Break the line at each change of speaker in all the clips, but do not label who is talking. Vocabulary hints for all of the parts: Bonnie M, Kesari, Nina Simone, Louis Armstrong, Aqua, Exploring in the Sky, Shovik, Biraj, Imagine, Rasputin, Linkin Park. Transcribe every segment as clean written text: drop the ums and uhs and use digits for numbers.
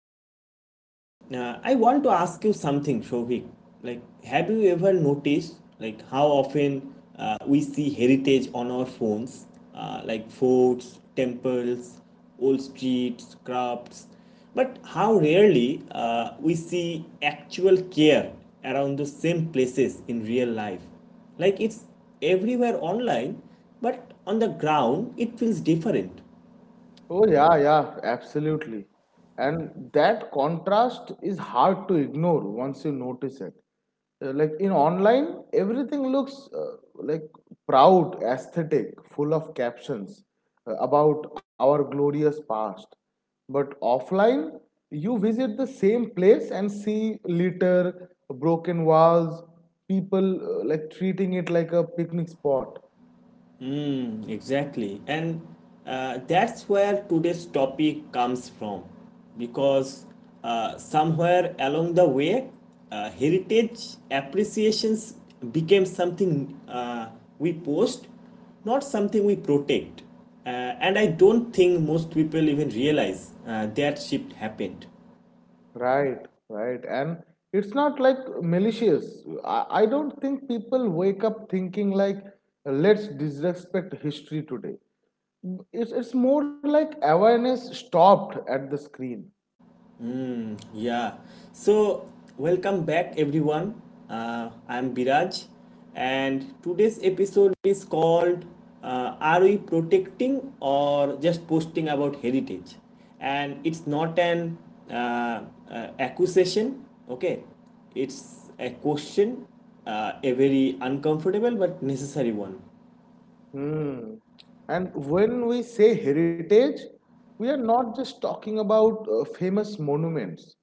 properly start, I want to ask you something, Shovik. Have you ever noticed like how often we see heritage on our phones, like forts, temples, old streets, crafts, but how rarely we see actual care around those same places in real life. Like it's everywhere online, but on the ground it feels different.
Oh, yeah, yeah, absolutely. And that contrast is hard to ignore once you notice it. Like in online, everything looks proud, aesthetic, full of captions about our glorious past. But offline, you visit the same place and see litter, broken walls, people like treating it like a picnic spot.
Mm, exactly. And that's where today's topic comes from. Because somewhere along the way, heritage appreciations became something we post, not something we protect. Uh, and I don't think most people even realize that shift happened.
Right, right. And it's not like malicious. I don't think people wake up thinking like, let's disrespect history today. It's more like awareness stopped at the screen.
Yeah. So, welcome back everyone. I'm Biraj, and today's episode is called Are We Protecting or Just Posting About Heritage? And it's not an uh, accusation, okay? It's a question, a very uncomfortable but necessary one.
Hmm. And when we say heritage, we are not just talking about famous monuments.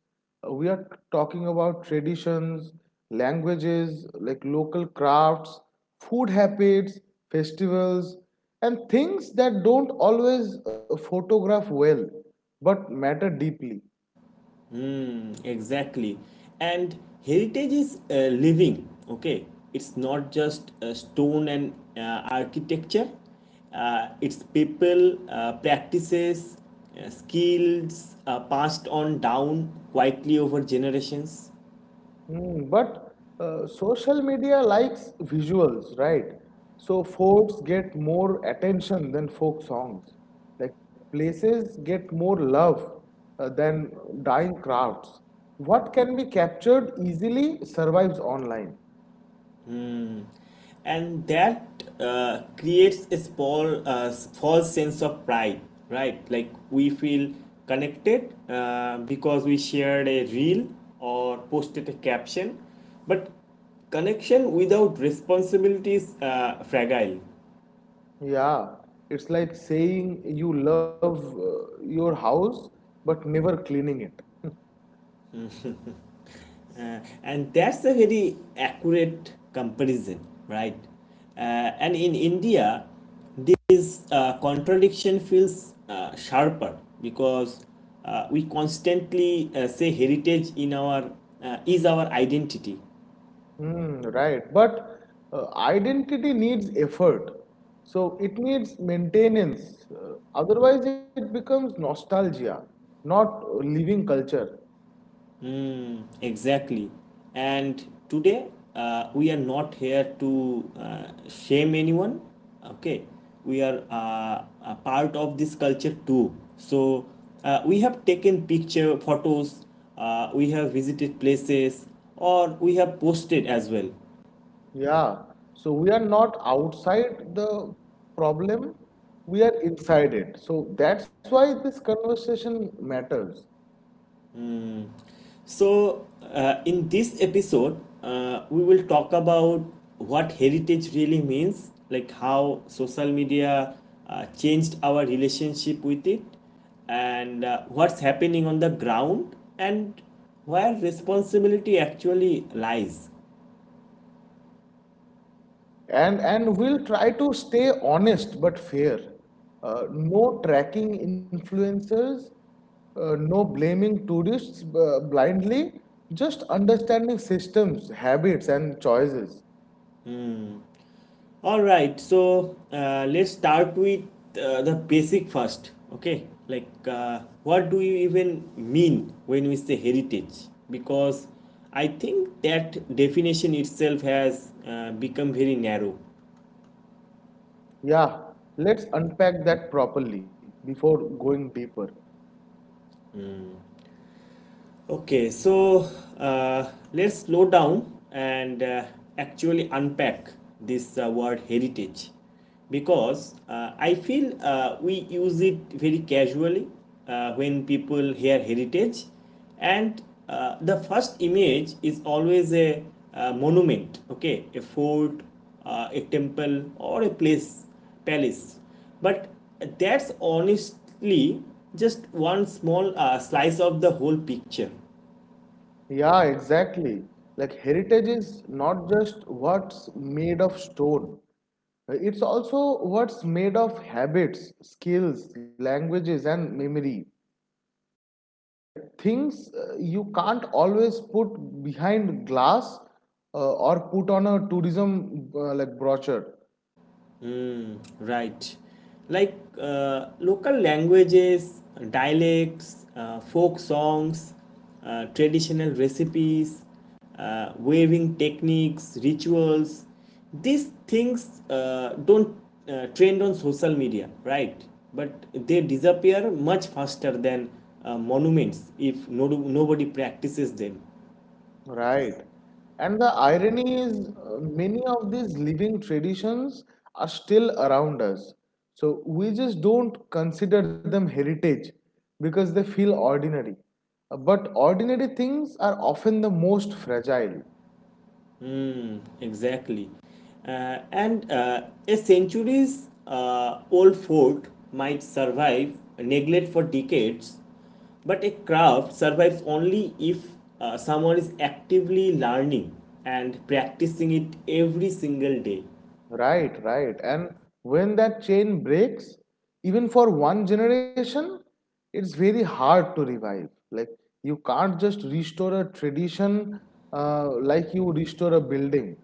We are talking about traditions, languages, like local crafts, food habits, festivals, and things that don't always photograph well but matter deeply.
Mm, exactly. And heritage is living, okay? It's not just stone and architecture, it's people, practices, skills passed on down quietly over generations.
Mm, but social media likes visuals, right? So forts get more attention than folk songs. Like places get more love than dying crowds. What can be captured easily survives online.
And that creates a small false sense of pride, right? Like we feel connected because we shared a reel or posted a caption, but connection without responsibility is fragile.
Yeah, it's like saying you love your house but never cleaning it.
And that's a very accurate comparison, right? Uh, and in India, this contradiction feels sharper because we constantly say heritage in our is our identity.
Mm, right. But identity needs effort. So it needs maintenance. Otherwise, it becomes nostalgia, not living culture.
Mm, exactly. And today, we are not here to shame anyone. Okay. We are a part of this culture too. So, we have taken picture photos, we have visited places, or we have posted as well.
Yeah. So we are not outside the problem, we are inside it. So that's why this conversation matters.
So, in this episode, we will talk about what heritage really means, like how social media changed our relationship with it, and what's happening on the ground, and where responsibility actually lies.
And we'll try to stay honest but fair. No tracking influencers, no blaming tourists blindly, just understanding systems, habits, and choices.
All right, so let's start with the basic first. Okay, like what do you even mean when we say heritage? Because I think that definition itself has become very narrow.
Yeah, let's unpack that properly before going deeper.
Okay, so let's slow down and actually unpack this word heritage because I feel we use it very casually. When people hear heritage, and the first image is always a, monument, okay, a fort, a temple, or a place, palace. But that's honestly just one small slice of the whole picture,
Yeah, exactly. Like heritage is not just what's made of stone. It's also what's made of habits, skills, languages, and memory. Like things you can't always put behind glass or put on a tourism like brochure.
right? Like local languages, dialects, folk songs, traditional recipes, weaving techniques, rituals, these things don't trend on social media, right? But they disappear much faster than monuments if no, nobody practices them.
Right, and the irony is many of these living traditions are still around us, so we just don't consider them heritage because they feel ordinary. But ordinary things are often the most fragile.
Exactly. And a centuries old fort might survive neglect for decades, but a craft survives only if someone is actively learning and practicing it every single day.
Right, right. And when that chain breaks, even for one generation, it's very hard to revive. Like, you can't just restore a tradition like you restore a building.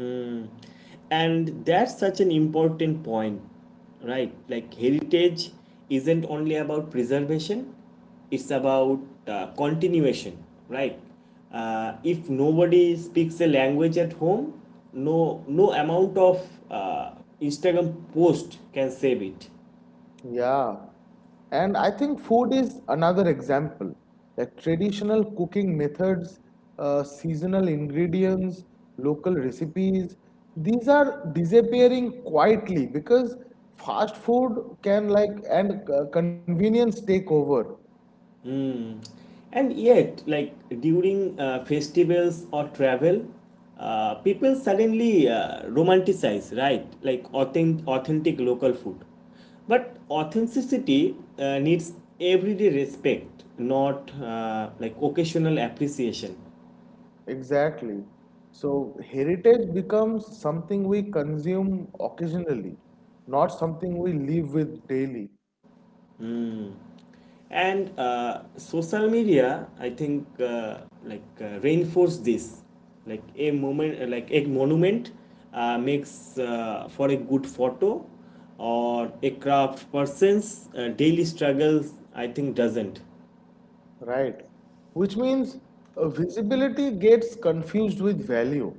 Mm. And that's such an important point, right? Like heritage isn't only about preservation, it's about continuation, right? If nobody speaks a language at home, no amount of uh, Instagram post can save it.
Yeah, and I think food is another example. Like traditional cooking methods, seasonal ingredients, local recipes, these are disappearing quietly because fast food can like and convenience take over.
And yet, like during festivals or travel, people suddenly romanticize, right? Like authentic local food. But authenticity needs everyday respect, not like occasional appreciation.
Exactly. So heritage becomes something we consume occasionally, not something we live with daily.
Mm. And social media, I think, reinforce this, like like a monument, makes for a good photo, or a craft person's daily struggles. I think doesn't.
Right. Which means visibility gets confused with value.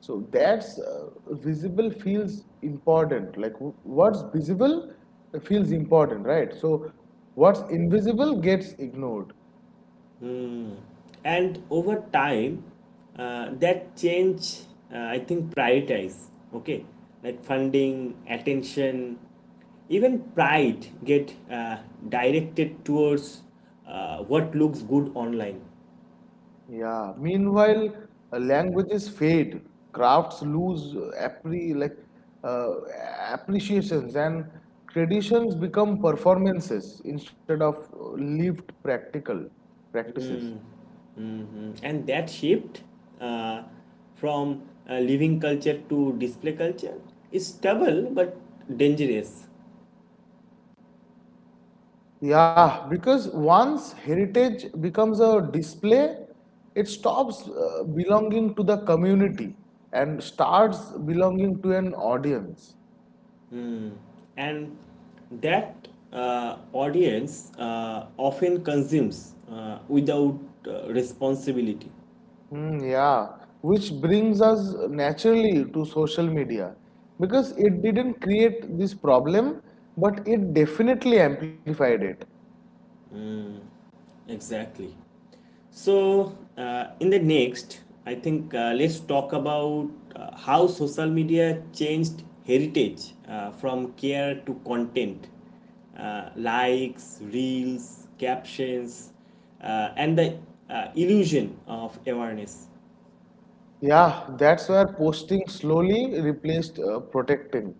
So that's visible feels important. Like what's visible feels important, right? So what's invisible gets ignored.
Hmm. And over time, that change, I think, prioritize, okay? Like funding, attention, even pride get directed towards what looks good online.
Yeah. Meanwhile, languages fade, crafts lose uh, appreciations, and traditions become performances instead of lived practical practices.
Mhm. And that shift uh, from living culture to display culture is stubble but dangerous.
Yeah, because once heritage becomes a display, it stops belonging to the community and starts belonging to an audience.
Mm. And that audience often consumes without responsibility.
Mm, yeah, which brings us naturally to social media because it didn't create this problem, but it definitely amplified it.
Exactly. So in the next I think let's talk about how social media changed heritage from care to content, uh, likes, reels, captions, and the illusion of awareness.
Yeah, that's where posting slowly replaced protecting.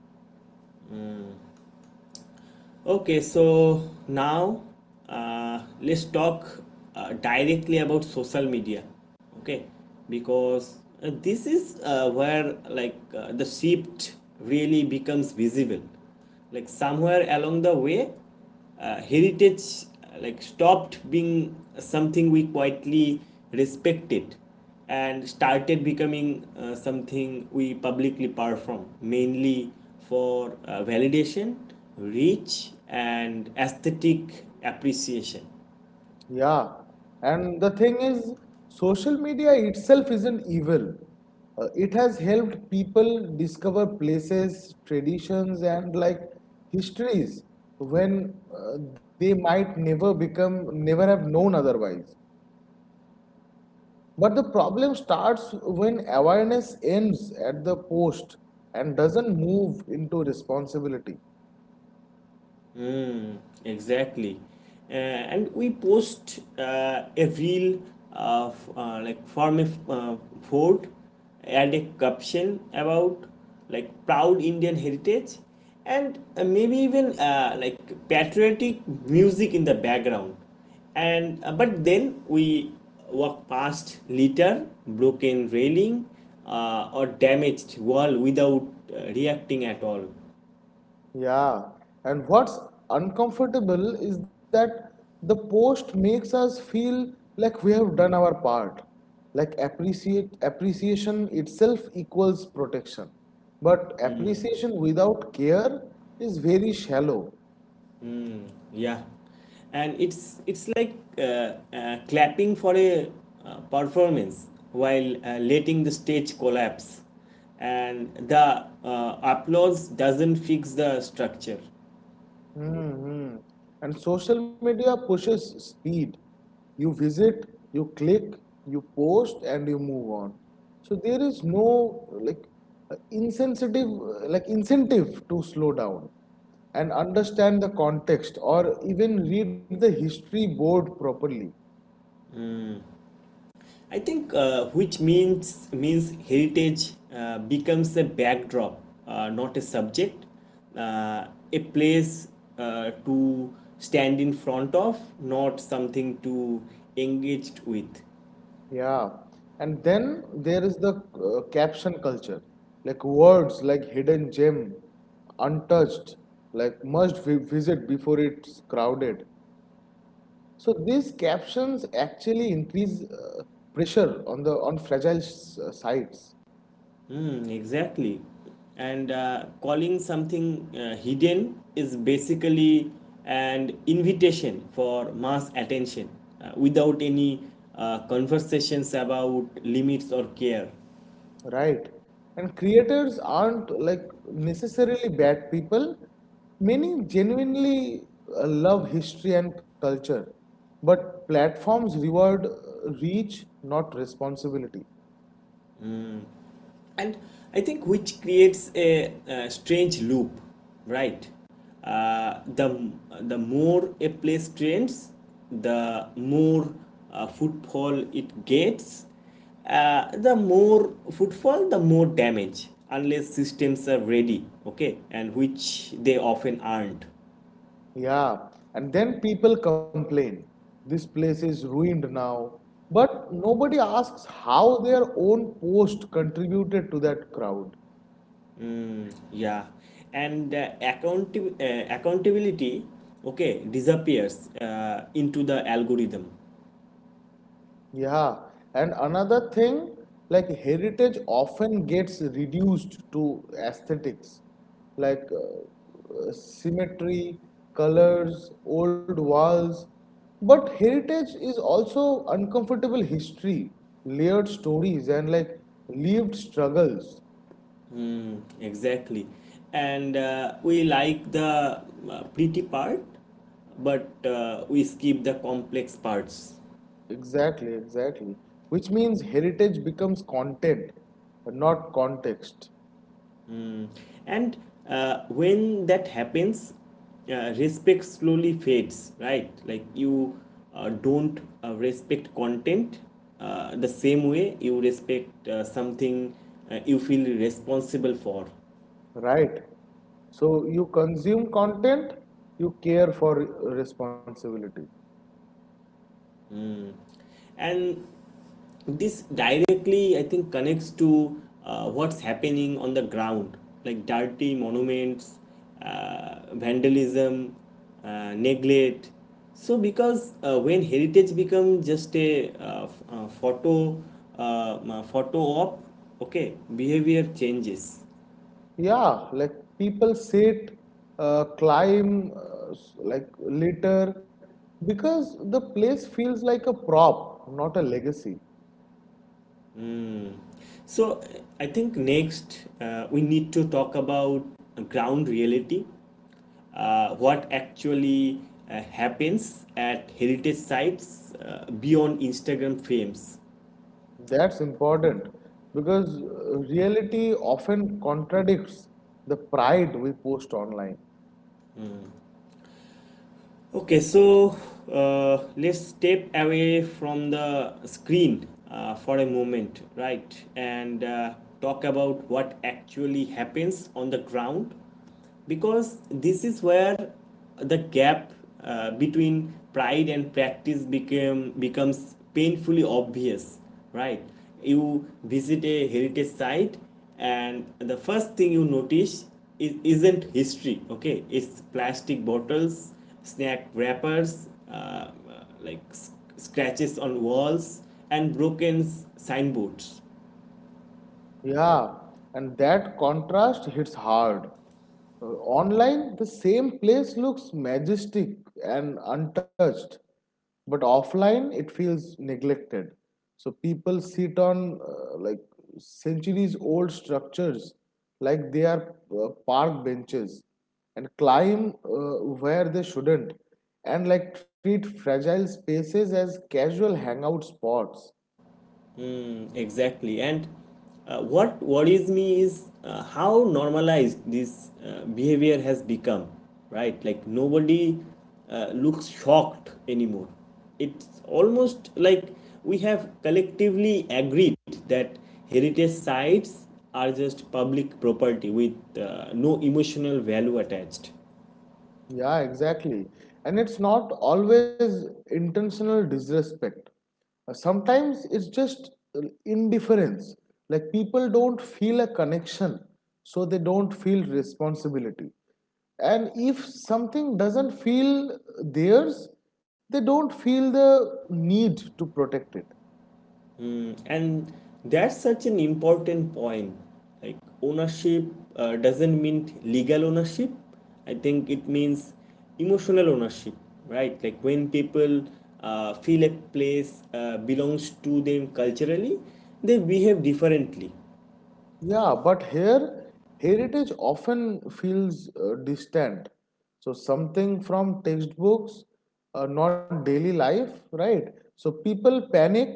Okay, so now let's talk directly about social media. Okay, because this is where like the shift really becomes visible. Like somewhere along the way, heritage like stopped being something we quietly respected and started becoming something we publicly perform mainly for validation, reach and aesthetic appreciation.
Yeah, and the thing is, social media itself isn't evil. It has helped people discover places, traditions, and like histories when they might never become, never have known otherwise. But the problem starts when awareness ends at the post and doesn't move into responsibility.
Mm, exactly. And we post a reel of like from a fort, add a caption about like proud Indian heritage, and maybe even like patriotic music in the background. And but then we walk past litter, broken railing, or damaged wall without reacting at all.
Yeah, and what's uncomfortable is that the post makes us feel like we have done our part. Like appreciate appreciation itself equals protection. But appreciation without care is very shallow.
Yeah, and it's like clapping for a performance while letting the stage collapse, and the applause doesn't fix the structure.
Mm-hmm. And social media pushes speed. You visit, you click, you post, and you move on. So there is no like insensitive like incentive to slow down and understand the context or even read the history board properly.
I think which means heritage becomes a backdrop, not a subject, uh, a place to stand in front of, not something to engaged with.
Yeah, and then there is the caption culture, like words like hidden gem, untouched, like must vi visit before it's crowded. So these captions actually increase pressure on the on fragile sites.
Hmm, exactly. And calling something hidden is basically an invitation for mass attention without any conversations about limits or care.
Right. And creators aren't like necessarily bad people. Many genuinely love history and culture, but platforms reward reach, not responsibility.
And I think which creates a, strange loop, right? The more a place trends, the more footfall it gets, the more footfall, the more damage unless systems are ready, okay, and which they often aren't.
Yeah. And then people complain, this place is ruined now. But nobody asks how their own post contributed to that crowd.
Mm, yeah, and accountability, okay, disappears into the algorithm.
Yeah, and another thing, like heritage often gets reduced to aesthetics, like symmetry, colors, old walls. But heritage is also uncomfortable history, layered stories, and like lived struggles.
Hmm, exactly. And we like the pretty part, but we skip the complex parts.
Exactly, exactly. Which means heritage becomes content, not context.
Hmm. And when that happens, respect slowly fades, right? Like you don't respect content the same way you respect something you feel responsible for.
Right? So you consume content, you care for responsibility.
And this directly I think connects to what's happening on the ground, like dirty monuments, vandalism, neglect. So because when heritage becomes just a uh, photo photo op, okay, behavior changes.
Yeah, like people sit, climb, like litter, because the place feels like a prop, not a legacy.
So I think next we need to talk about ground reality, what actually happens at heritage sites beyond Instagram frames.
That's important because reality often contradicts the pride we post online.
Okay, so let's step away from the screen for a moment, right? And talk about what actually happens on the ground because this is where the gap between pride and practice became becomes painfully obvious, right? You visit a heritage site and the first thing you notice isn't history, okay, it's plastic bottles, snack wrappers, like scratches on walls and broken signboards.
Yeah, and that contrast hits hard. Online, the same place looks majestic and untouched, but offline, it feels neglected. So people sit on like centuries old structures, like they are park benches, and climb where they shouldn't, and like treat fragile spaces as casual hangout spots.
Mm, exactly. And what worries me is how normalized this behavior has become, right? Like nobody looks shocked anymore. It's almost like we have collectively agreed that heritage sites are just public property with no emotional value attached.
Yeah, exactly. And it's not always intentional disrespect. Sometimes it's just indifference. Like people don't feel a connection, so they don't feel responsibility. And if something doesn't feel theirs, they don't feel the need to protect it.
And that's such an important point. Like ownership doesn't mean legal ownership, I think it means emotional ownership, right? Like when people feel a place belongs to them culturally, they behave differently.
Yeah, but here heritage often feels distant. So something from textbooks, not daily life, right? So people panic,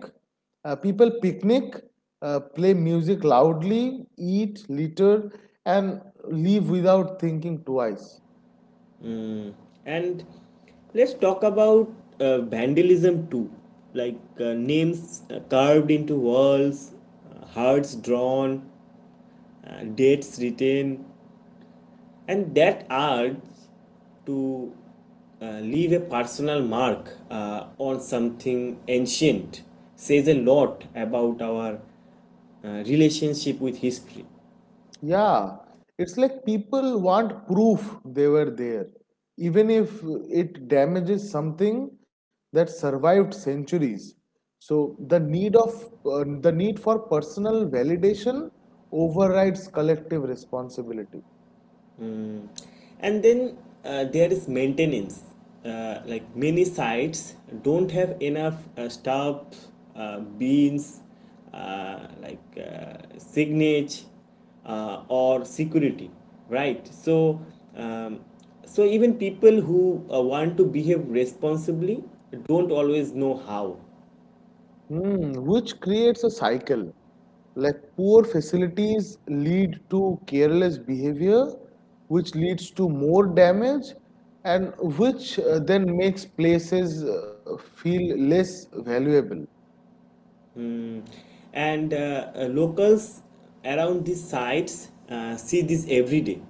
uh, people picnic, play music loudly, eat, litter, and leave without thinking twice.
And let's talk about vandalism too, like names carved into walls, hearts drawn, dates written, and that urge to leave a personal mark on something ancient says a lot about our relationship with history.
Yeah, it's like people want proof they were there, even if it damages something that survived centuries. So the need for personal validation overrides collective responsibility.
Mm. And then there is maintenance. Like many sites don't have enough staff, beans, signage, or security, right? So, um, so even people who want to behave responsibly don't always know how.
Mm, which creates a cycle. Like poor facilities lead to careless behavior, which leads to more damage, and which then makes places feel less valuable.
Mm, and locals around these sites see this every day.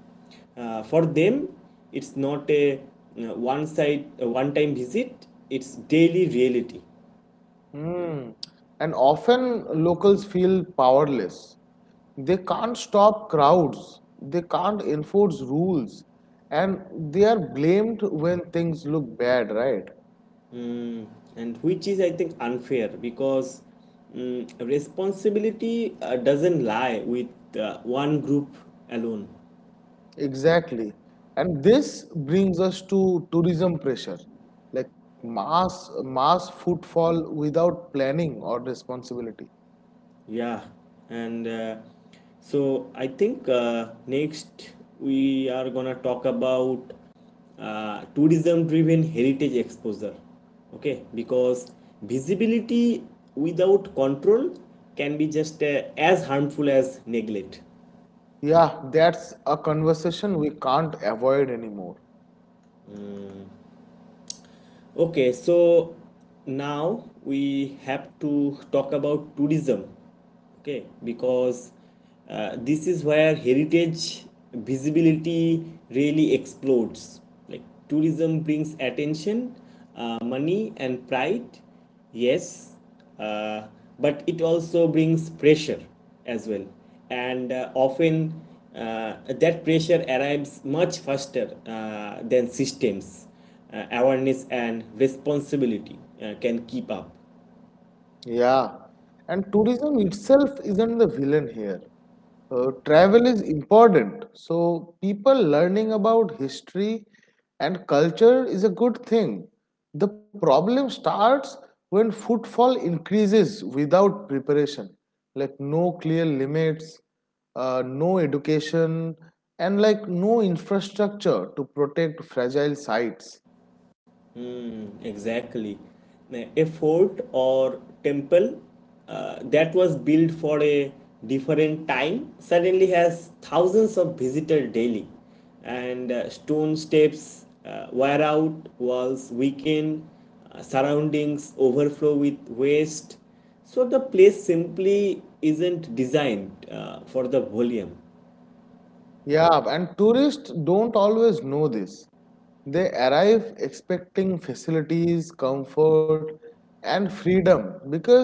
For them, it's not a a one-time visit. It's daily reality.
Mm. And often locals feel powerless. They can't stop crowds, they can't enforce rules, and they are blamed when things look bad, right?
Mm, and which is I think unfair because mm, responsibility doesn't lie with one group alone.
Exactly. And this brings us to tourism pressure, like mass footfall without planning or responsibility.
Yeah, and so I think next we are gonna talk about tourism-driven heritage exposure. Okay, because visibility without control can be just as harmful as neglect.
Yeah, that's a conversation we can't avoid anymore.
Okay, so now we have to talk about tourism. Okay, because this is where heritage visibility really explodes. Like tourism brings attention, money, and pride. Yes, uh, but it also brings pressure as well, and often that pressure arrives much faster than systems. Awareness and responsibility can keep up.
Yeah, and tourism itself isn't the villain here. Travel is important, so people learning about history and culture is a good thing. The problem starts when footfall increases without preparation, like no clear limits, no education, and like no infrastructure to protect fragile sites.
Temple, exactly. A fort or temple that was built for a different time suddenly has thousands of visitors daily, and stone steps wear out, walls weaken, surroundings overflow with waste. So the place simply isn't designed for the volume.
Yeah, and tourists don't always know this. They arrive expecting facilities, comfort, and freedom because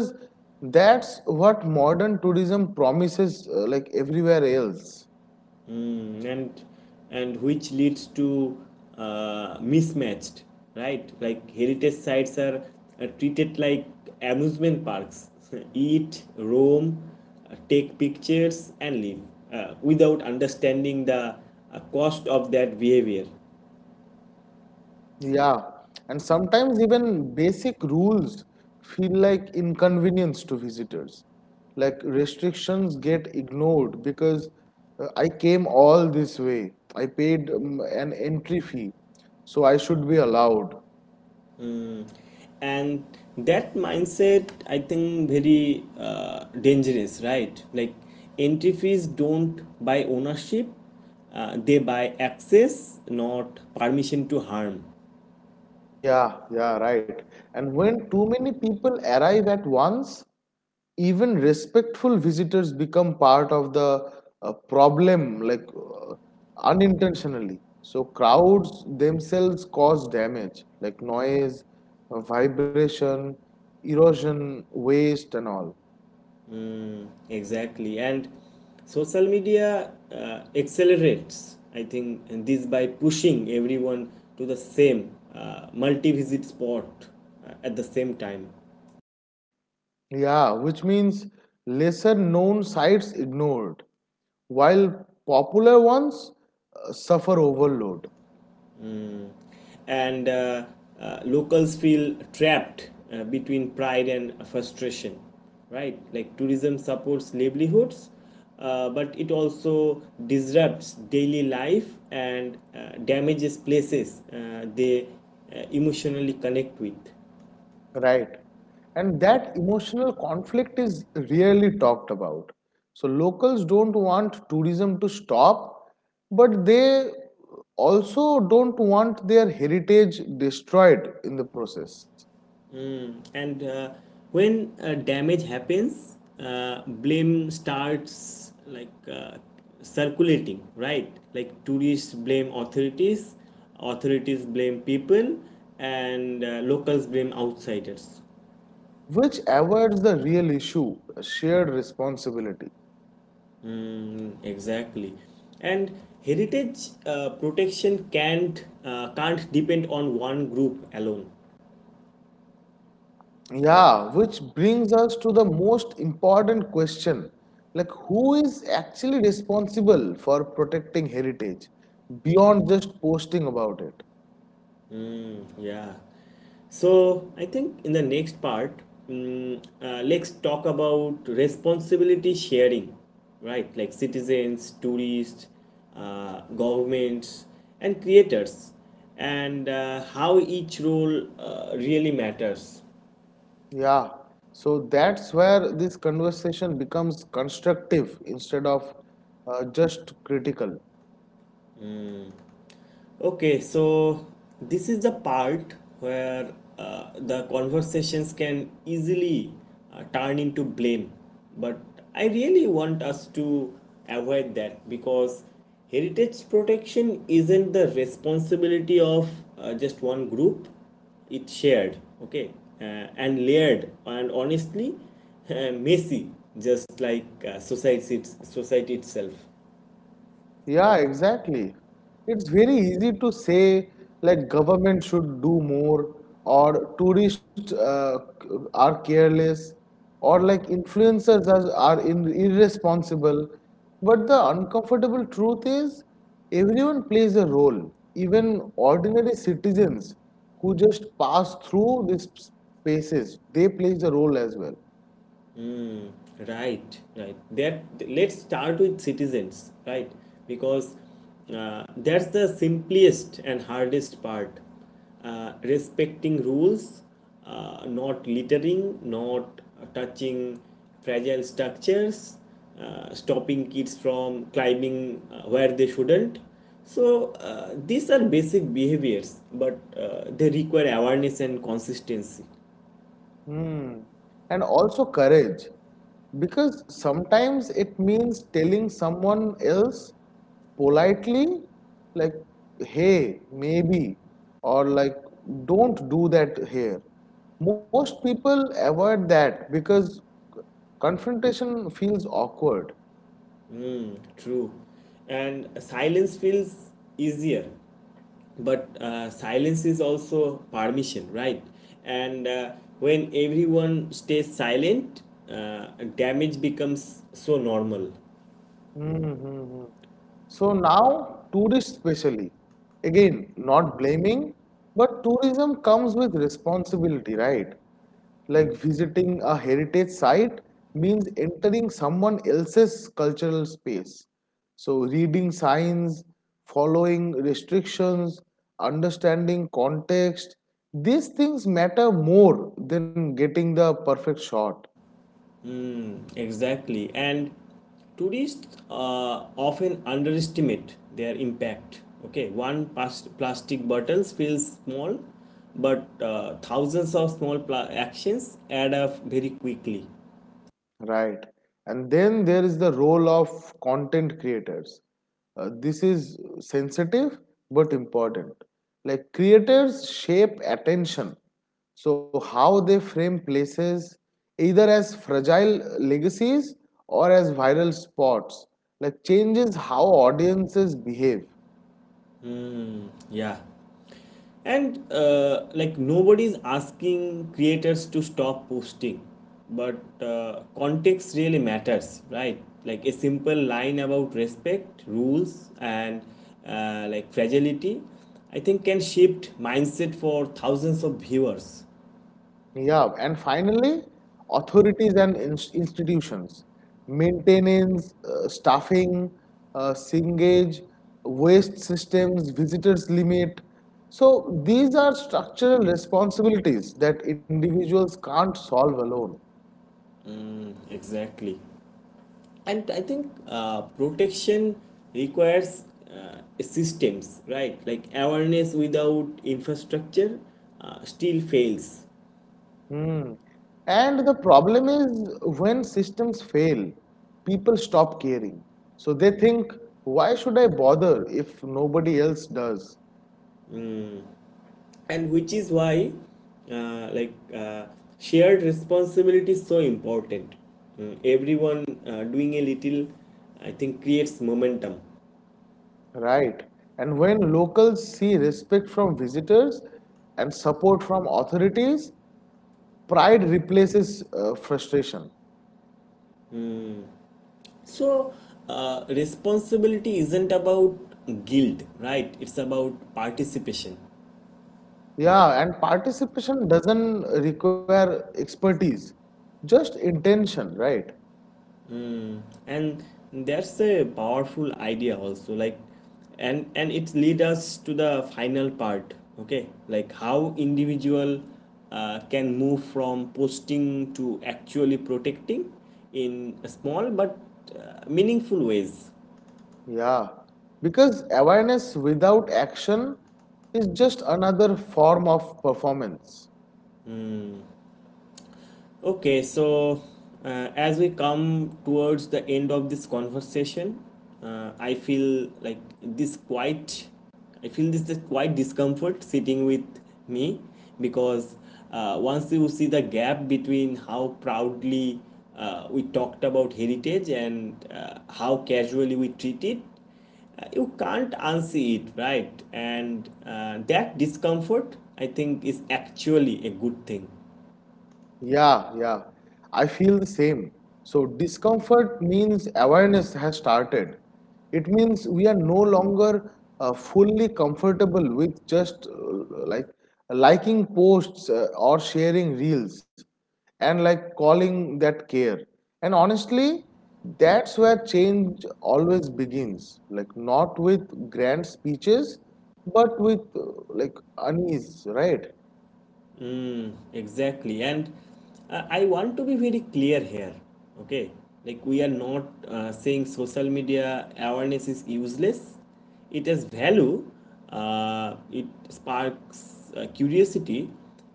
that's what modern tourism promises, like everywhere else.
Mm, and which leads to mismatched, right? Like heritage sites are treated like amusement parks. Eat, roam, take pictures, and leave without understanding the cost of that behavior.
Yeah, and sometimes even basic rules feel like inconvenience to visitors. Like restrictions get ignored because I came all this way. I paid an entry fee, so I should be allowed.
Mm, and that mindset, I think, very dangerous, right? Like entry fees don't buy ownership, they buy access, not permission to harm.
Yeah, yeah, right. And when too many people arrive at once, even respectful visitors become part of the problem, like unintentionally. So crowds themselves cause damage, like noise, vibration, erosion, waste, and all.
Exactly, and social media accelerates, I think, and this by pushing everyone to the same multi-visit spot at the same time.
Yeah, which means lesser known sites ignored, while popular ones suffer overload.
And locals feel trapped between pride and frustration, right? Like tourism supports livelihoods, but it also disrupts daily life and damages places they emotionally connect with.
Right. And that emotional conflict is rarely talked about. So locals don't want tourism to stop, but they also don't want their heritage destroyed in the process,
And when damage happens, blame starts, like circulating, right? Like tourists blame authorities, authorities blame people, and locals blame outsiders.
which avoids the real issue, shared responsibility.
Mm, exactly. And heritage protection can't depend on one group alone.
Yeah, which brings us to the most important question. Like, who is actually responsible for protecting heritage beyond just posting about it?
Yeah. So I think in the next part, let's talk about responsibility sharing, right? Like citizens, tourists, governments, and creators, and how each role really matters.
Yeah, so that's where this conversation becomes constructive instead of just critical.
Okay, so this is the part where the conversations can easily turn into blame. But I really want us to avoid that, because heritage protection isn't the responsibility of just one group. It's shared, okay, uh, and layered, and honestly, messy, just like society itself.
Yeah, exactly. It's very easy to say like government should do more or tourists are careless or like are irresponsible. But the uncomfortable truth is everyone plays a role, even ordinary citizens who just pass through these spaces, they play a role as well.
Mm, right, right. That Let's start with citizens, right? Because that's the simplest and hardest part. Respecting rules, not littering, not touching fragile structures, stopping kids from climbing where they shouldn't. So these are basic behaviors, but they require awareness and consistency.
Hmm. And also courage, because sometimes it means telling someone else politely, like, hey, maybe, or like, don't do that here. Most people avoid that because confrontation feels awkward.
Mm, true. And silence feels easier, but silence is also permission, right? And when everyone stays silent, uh, damage becomes so normal.
Mm-hmm. So now, tourists specially, again, not blaming, but tourism comes with responsibility, right? Like visiting a heritage site means entering someone else's cultural space. So reading signs, following restrictions, understanding context, these things matter more than getting the perfect shot.
Mm, exactly. And tourists often underestimate their impact. Okay, plastic bottles feels small, but thousands of actions add up very quickly.
Right. And then there is the role of content creators. This is sensitive but important. Like creators shape attention. So, how they frame places either as fragile legacies or as viral spots, like changes how audiences behave.
Yeah. And like, nobody's asking creators to stop posting, but context really matters, right? Like a simple line about respect, rules, and like fragility, I think, can shift mindset for thousands of viewers.
Yeah, and finally, authorities and institutions, maintenance, staffing, singage, waste systems, visitors limit. So these are structural responsibilities that individuals can't solve alone.
Mm, exactly. And I think protection requires systems, right? Like awareness without infrastructure still fails.
Hmm. And the problem is when systems fail, people stop caring. So they think, why should I bother if nobody else does?
And which is why uh, like uh, shared responsibility is so important. Mm, everyone doing a little, I think, creates momentum.
Right. And when locals see respect from visitors and support from authorities, pride replaces frustration.
So responsibility isn't about guilt, right? It's about participation.
Yeah, and participation doesn't require expertise, just intention, right?
And that's a powerful idea also, like, and it lead us to the final part. Okay, like how individual can move from posting to actually protecting in small but meaningful ways.
Yeah. Because awareness without action is just another form of performance.
Okay, so uh, as we come towards the end of this conversation, uh, I feel like this quite, I feel this is quite discomfort sitting with me, because once you see the gap between how proudly we talked about heritage and how casually we treat it, you can't unsee it, right? And that discomfort, I think, is actually a good thing.
Yeah, yeah. I feel the same. So, discomfort means awareness has started. It means we are no longer fully comfortable with just like liking posts or sharing reels and like calling that care. And honestly, that's where change always begins. Like, not with grand speeches, but with like unease, right?
Exactly, and I want to be very clear here, okay? Like, we are not saying social media awareness is useless. It has value. It sparks curiosity.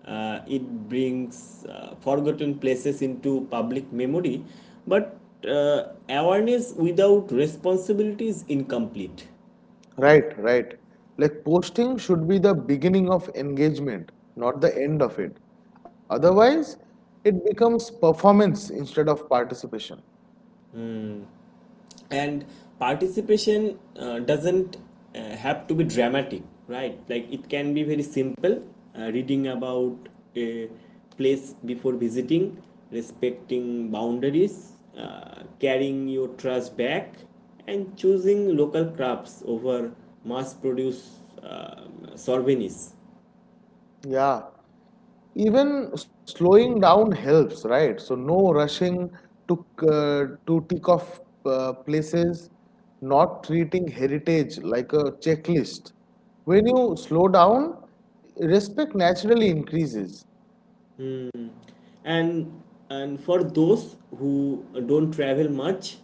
It brings forgotten places into public memory. But uh, awareness without responsibility is incomplete.
Right, right. Like posting should be the beginning of engagement, not the end of it. Otherwise, it becomes performance instead of participation.
And participation doesn't have to be dramatic, right? Like it can be very simple. Reading about a place before visiting, respecting boundaries, carrying your trash back, and choosing local crafts over mass produced souvenirs.
Yeah. Even slowing down helps, right? So no rushing to to tick off places, not treating heritage like a checklist. When you slow down, respect naturally increases.
And and for those who don't travel much,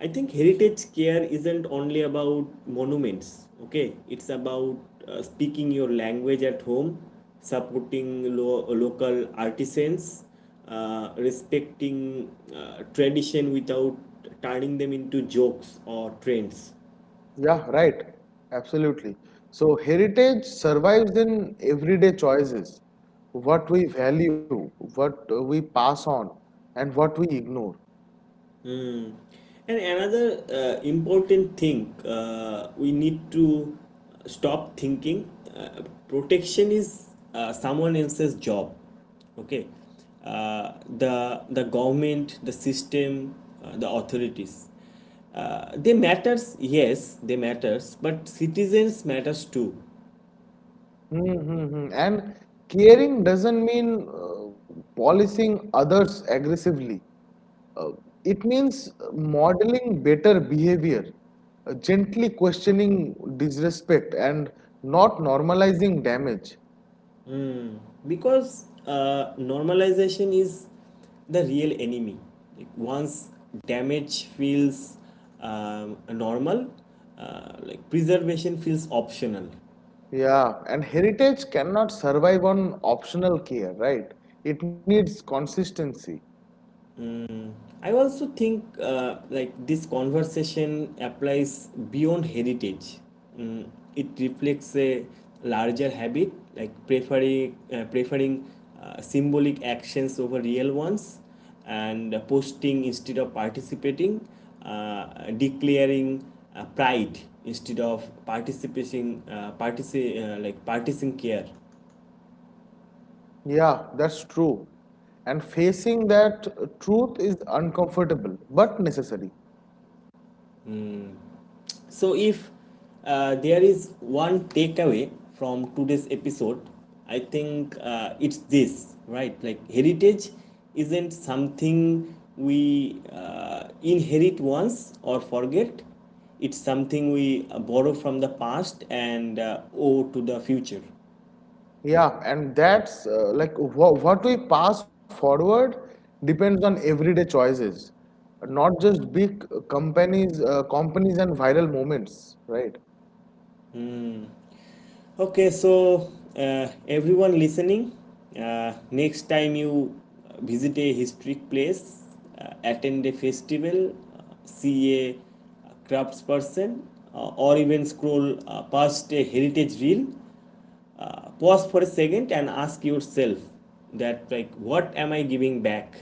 I think heritage care isn't only about monuments, okay? It's about speaking your language at home, supporting local artisans, respecting tradition without turning them into jokes or trends.
Yeah, right. Absolutely. So heritage survives in everyday choices, what we value, what we pass on, and what we ignore.
And another important thing, we need to stop thinking uh, protection is someone else's job. Okay, the government, the system, the authorities, they matters. Yes, they matters, but citizens matters too.
Mm-hmm. And caring doesn't mean policing others aggressively. Uh, it means modeling better behavior, gently questioning disrespect, and not normalizing damage.
Because normalization is the real enemy. Like once damage feels normal, like preservation feels optional.
Yeah, and heritage cannot survive on optional care, right? It needs consistency.
I also think like this conversation applies beyond heritage. Mm, it reflects a larger habit, like preferring symbolic actions over real ones, and posting instead of participating, declaring pride instead of participating, like partisan care.
Yeah, that's true. And facing that truth is uncomfortable but necessary.
So, if there is one takeaway from today's episode, I think it's this, right? Like, heritage isn't something we inherit once or forget, it's something we borrow from the past and owe to the future.
Yeah, and that's like what we pass forward depends on everyday choices, not just big companies and viral moments, right?
Okay, so everyone listening, next time you visit a historic place, attend a festival, see a craftsperson, or even scroll past a heritage reel, pause for a second and ask yourself that, like, what am I giving back?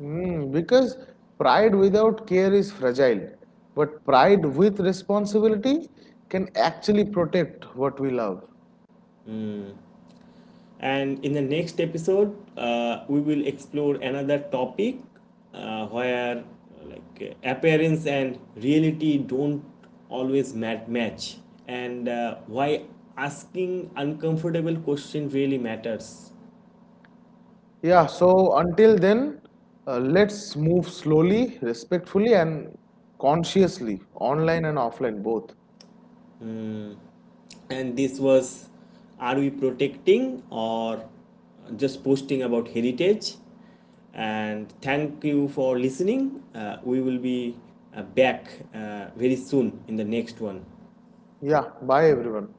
Mm, because pride without care is fragile, but pride with responsibility can actually protect what we love.
And in the next episode, we will explore another topic where appearance and reality don't always match, and why asking uncomfortable questions really matters.
Yeah, so until then, let's move slowly, respectfully, and consciously, online and offline both.
Mm, and this was: are we protecting or just posting about heritage? And thank you for listening. We will be back very soon in the next one.
Yeah, bye everyone.